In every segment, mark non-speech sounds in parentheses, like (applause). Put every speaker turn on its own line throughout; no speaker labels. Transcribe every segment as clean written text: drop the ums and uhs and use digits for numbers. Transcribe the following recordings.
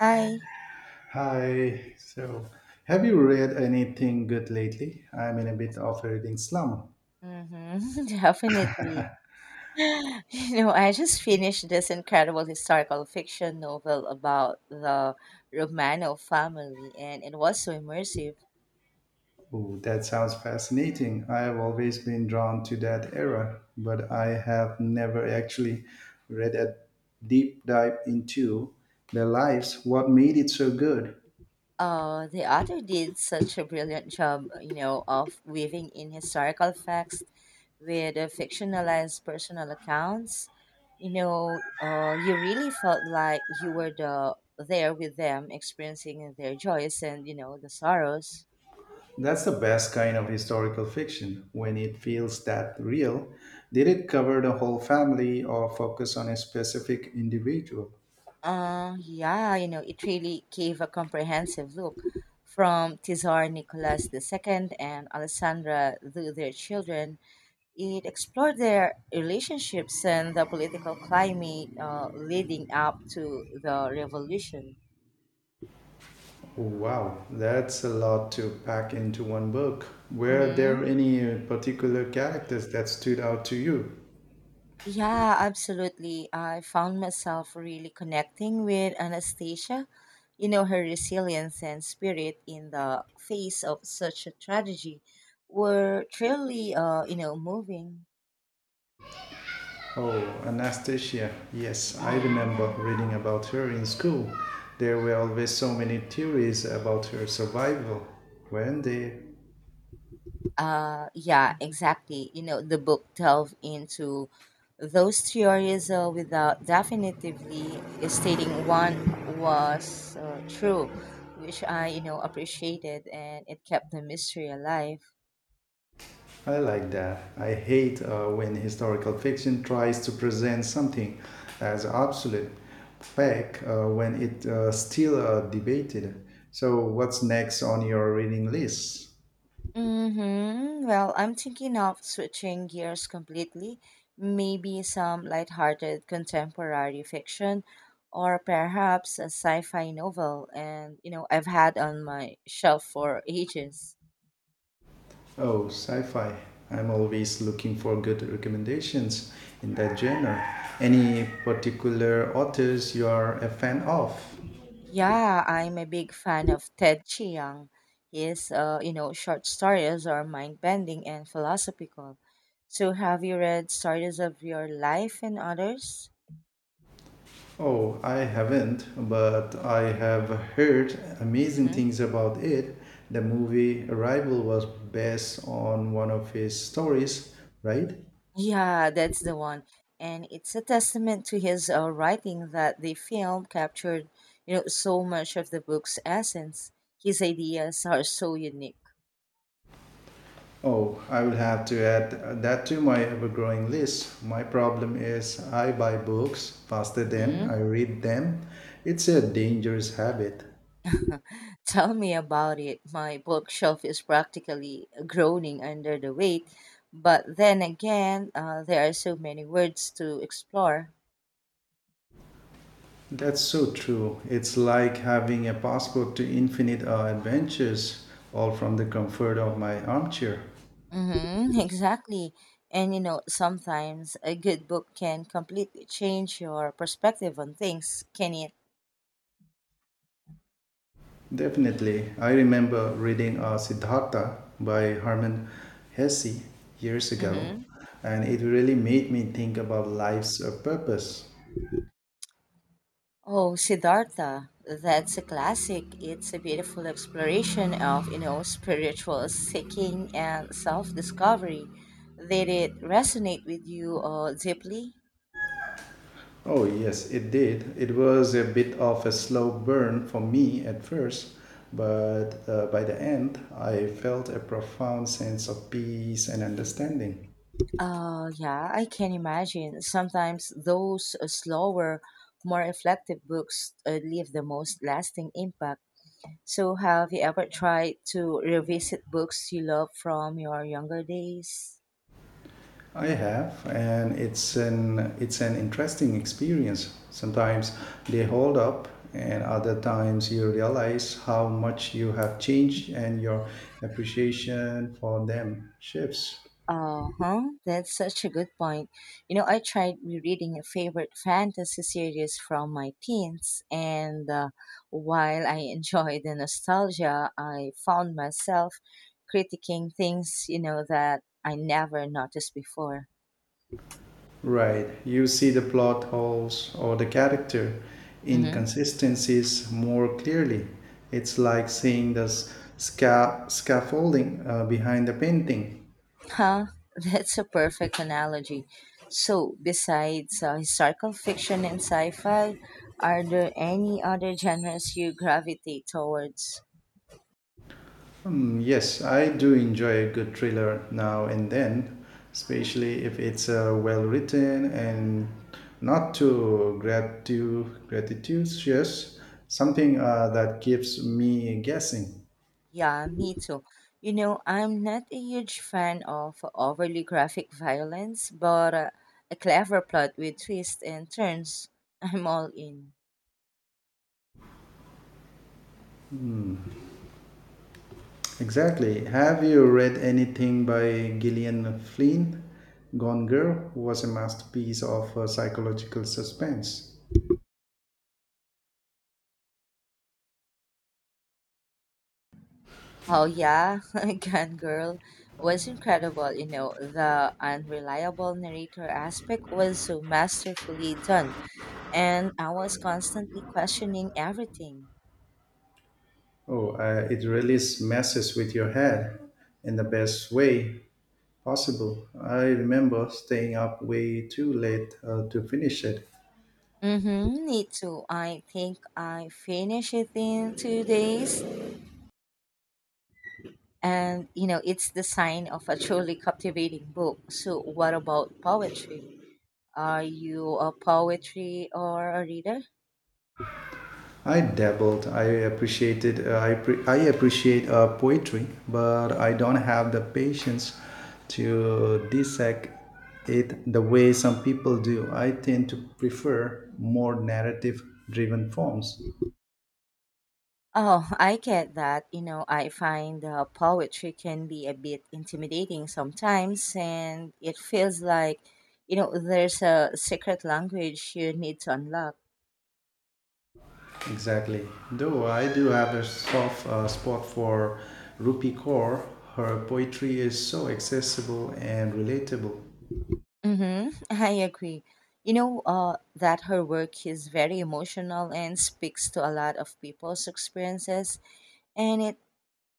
Hi.
Hi. So, have you read anything good lately? I'm in a bit of a reading slump.
Mm-hmm. (laughs) Definitely. (laughs) I just finished this incredible historical fiction novel about the Romanov family, and it was so immersive.
Oh, that sounds fascinating. I have always been drawn to that era, but I have never actually read a deep dive into their
Mm.
lives. What made it so good?
The author did such a brilliant job, of weaving in historical facts with fictionalized personal accounts. You really felt like you were there with them, experiencing their joys and the sorrows.
That's the best kind of historical fiction when it feels that real. Did it cover the whole family or focus on a specific individual?
It really gave a comprehensive look from Tsar Nicholas II and Alessandra through their children. It explored their relationships and the political climate leading up to the revolution.
Wow, that's a lot to pack into one book. Were there
Mhm.
any particular characters that stood out to you?
Yeah, absolutely. I found myself really connecting with Anastasia, her resilience and spirit in the face of such a tragedy were truly moving.
Oh, Anastasia. Yes, I
Hmm.
remember reading about her in school. There were always so many theories about her survival, weren't there?
Yeah, exactly. The book delved into those theories without definitively stating one was true, which I appreciated, and it kept the mystery alive.
I like that. I hate when historical fiction tries to present something as absolute fact when it still debated. So, what's next on your reading list?
Mm-hmm. Well, I'm thinking of switching gears completely. Maybe some lighthearted contemporary fiction or perhaps a sci-fi novel. I've had on my shelf for ages.
Oh, sci-fi. I'm always looking for good recommendations in that genre. Any particular authors you are a fan of?
Yeah, I'm a big fan of Ted Chiang. His short stories are mind-bending and philosophical. So have you read Stories of Your Life and Others?
Oh, I haven't, but I have heard amazing things about it. The movie Arrival was based on one of his stories, right?
Yeah, that's the one. And it's a testament to his writing that the film captured, so much of the book's essence. His ideas are so unique.
Oh, I will have to add that to my ever growing list. My problem is I buy books faster than I
Hmm.
read them. It's a dangerous habit.
(laughs) Tell me about it. My bookshelf is practically groaning under the weight. But then again, there are so many words to explore.
That's so true. It's like having a passport to infinite adventures, all from the comfort of my armchair.
Mm-hmm, (laughs) exactly. Sometimes a good book can completely change your perspective on things, can it?
Definitely. I remember reading Siddhartha by Herman Hesse years ago,
Mm-hmm.
and it really made me think about life's purpose.
Oh, Siddhartha, that's a classic. It's a beautiful exploration of, spiritual seeking and self-discovery. Did it resonate with you deeply?
Oh, yes, it did. It was a bit of a slow burn for me at first, but by the end, I felt a profound sense of peace and understanding.
Yeah, I can imagine. Sometimes those slower, more reflective books leave the most lasting impact. So, have you ever tried to revisit books you love from your younger days?
I have, and it's an interesting experience. Sometimes they hold up, and other times you realize how much you have changed, and your appreciation for them shifts.
Uh huh. That's such a good point. I tried rereading a favorite fantasy series from my teens, and while I (laughs) enjoy the nostalgia, I found myself critiquing things, that I never noticed before.
Right, you see the plot holes or the character
Mm-hmm.
inconsistencies more clearly. It's like seeing the scaffolding behind the painting.
Huh? (laughs) That's a perfect analogy. So, besides historical fiction and sci fi, are there any other genres you gravitate towards?
Hmm, yes, I do enjoy a good thriller now and then, especially if it's well written and not too gratitudious, something that keeps me guessing.
Yeah, me too. I'm not a huge fan of overly graphic violence, but a clever plot with twists and turns, (laughs) I'm all in.
Exactly. Have you read anything by Gillian Flynn? Gone Girl was a masterpiece of psychological suspense.
Oh yeah, (laughs) Gun Girl was incredible. The unreliable narrator aspect was so masterfully done, and I was constantly questioning everything.
Oh, it really messes with your head in the best way. Possible. I remember staying up way too late to finish it.
Mm-hmm, me too. I think I finished it in 2 days, and it's the sign of a truly captivating book. So, what about poetry? Are you a poetry or a reader?
I dabbled. I appreciated. I appreciate poetry, but I don't have the patience to dissect it the way some people do. I tend to prefer more narrative-driven forms.
Oh, I get that. I find poetry can be a bit intimidating sometimes, and it feels like, there's a secret language you need to unlock.
Exactly. Though I do have a soft spot for Rupi Kaur. Her poetry is so accessible and relatable.
Mm-hmm. (laughs) I agree. That her work is very emotional and speaks to a lot of people's experiences, and it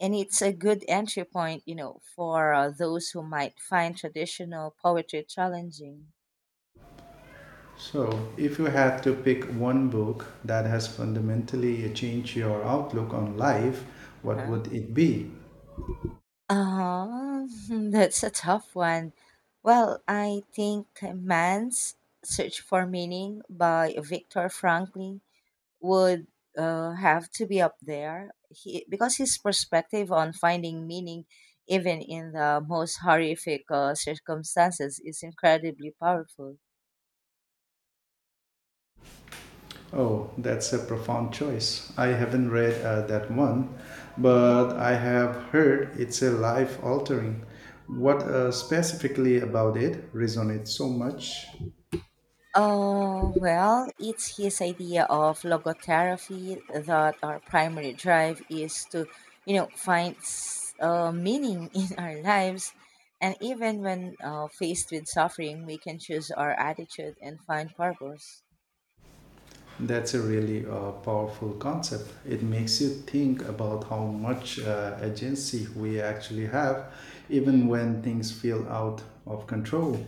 and it's a good entry point, for those who might find traditional poetry challenging.
So, if you had to pick one book that has fundamentally changed your outlook on life, what
Uh-huh.
would it be?
Uh, (laughs) that's a tough one. Well, I think Man's Search for Meaning by Viktor Frankl would have to be up there. He, because his perspective on finding meaning, even in the most horrific circumstances, is incredibly powerful.
Oh, that's a profound choice. I haven't read that one,
Mhm.
but I have heard it's a life altering. What specifically about it resonates so much?
Oh, well, it's his idea of logotherapy that our primary drive is to, find meaning (laughs) in our lives. And even when faced with suffering, we can choose our attitude and find purpose.
That's a really powerful concept. It makes you think about how much agency we actually have, even
Hmm.
when things feel out of control.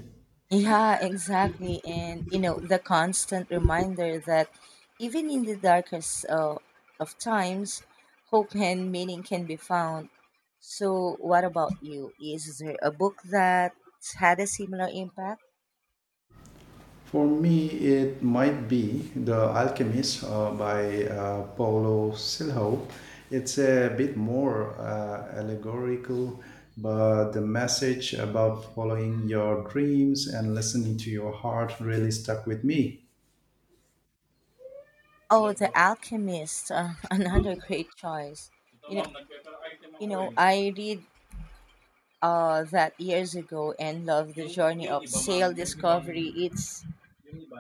Yeah, exactly. The constant reminder that even in the darkest of times, hope and meaning can be found. So, what about you? Is there a book that had a similar impact?
For me, it might be The Alchemist by Paulo Coelho. It's a bit more allegorical, but the message about following your dreams and listening to your heart really stuck with me.
Oh, The Alchemist, (laughs) another great choice. You know, I read that years ago and love the journey of sail discovery it's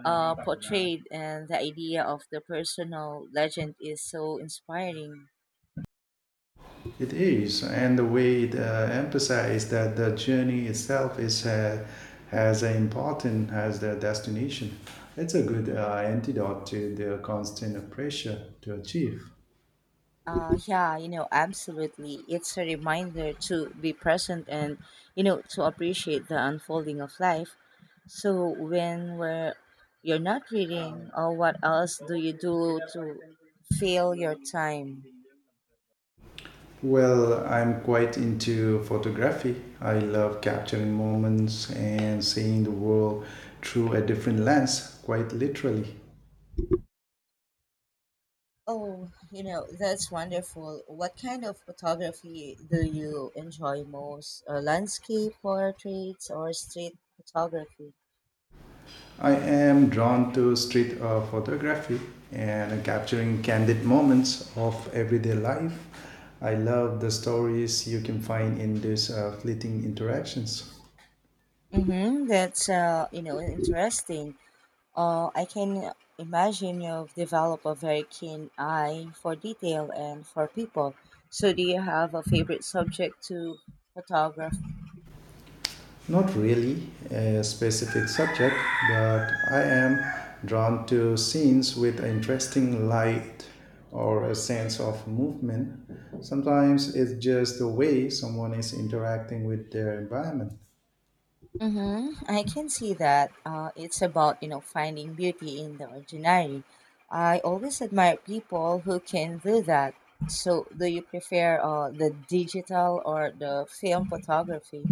uh, portrayed, and the idea of the personal legend is so inspiring.
It is, and the we emphasize that the journey itself is as important as the destination. It's a good antidote to the constant pressure to achieve.
Absolutely. It's a reminder to be present and, to appreciate the unfolding of life. So you're not reading, or what else do you do to fill your time?
Well, I'm quite into photography. I love capturing moments and seeing the world through a different lens, quite literally.
Oh, that's wonderful. What kind of photography do you enjoy most? Landscape portraits or street photography?
I am drawn to street photography and capturing candid moments of everyday life. I love the stories you can find in these fleeting interactions.
Mm-hmm. That's interesting. I can imagine you've developed a very keen eye for detail and for people. So, do you have a favorite subject to photograph?
Not really a specific subject, but I am drawn to scenes with interesting light or a sense of movement. Sometimes it's just the way someone is interacting with their environment.
Mm-hmm. I can see that. It's about, finding beauty in the ordinary. I always admire people who can do that. So, do you prefer the digital or the film photography?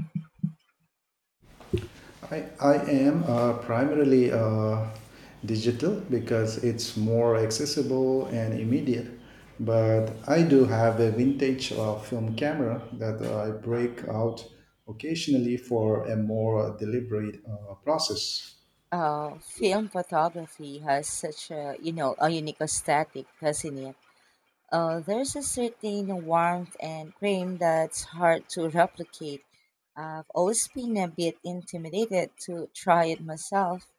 I am primarily digital because it's more accessible and immediate. But I do have a vintage film camera that I break out occasionally for a more deliberate process.
Film photography has such a, a unique aesthetic, doesn't it? There's a certain warmth and cream that's hard to replicate. I've always been a bit intimidated to try it myself.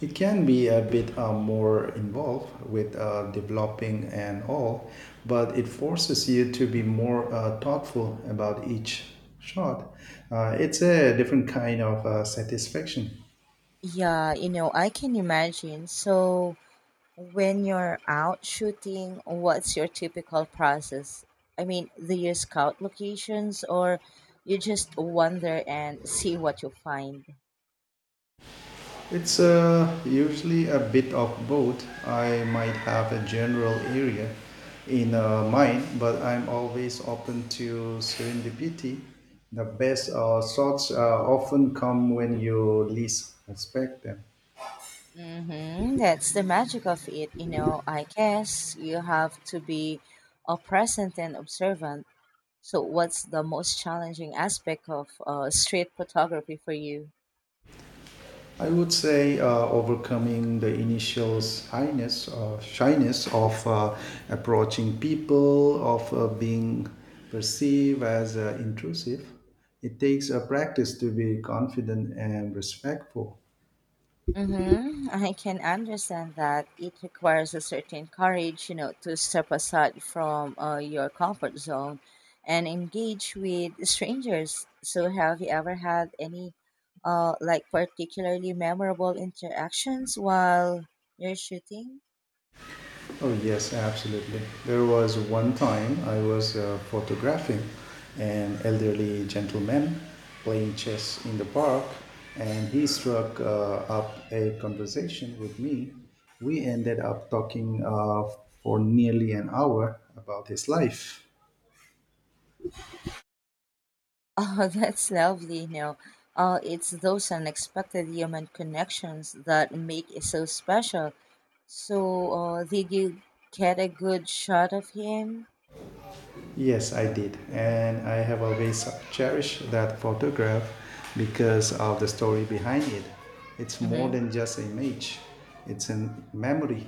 It can be a bit more involved with developing and all, but it forces you to be more thoughtful about each shot. It's a different kind of satisfaction.
Yeah, I can imagine. So, when you're out shooting, what's your typical process? I mean, do you scout locations or you just wander and see what you find?
It's usually a bit of both. I might have a general area in mind, but I'm always open to serendipity. The best shots often come when you least expect them.
Mm-hmm. That's the magic of it, you know. I guess you have to be present and observant. So, what's the most challenging aspect of street photography for you?
I would say overcoming the initial shyness, of approaching people, of being perceived as intrusive. It takes a practice to be confident and respectful.
Mm-hmm. I can understand that it requires a certain courage, to step aside from your comfort zone and engage with strangers. So, have you ever had any, like particularly memorable interactions while you're shooting?
Oh, yes, absolutely. There was one time I was photographing an elderly gentleman playing chess in the park, and he struck up a conversation with me. We ended up talking for nearly an hour about his life.
Oh, (laughs) that's lovely. No, it's those unexpected human connections that make it so special. So, did you get a good shot of him?
Yes, I did. And I have always cherished that photograph because of the story behind it. It's more
Mm-hmm.
than just an image, it's a memory.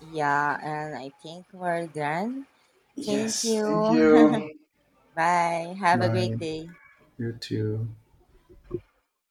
Yeah, and I think we're done. Thank
Yes.
you.
Thank
(laughs)
you.
Bye. Have a great
Bye.
day.
You too.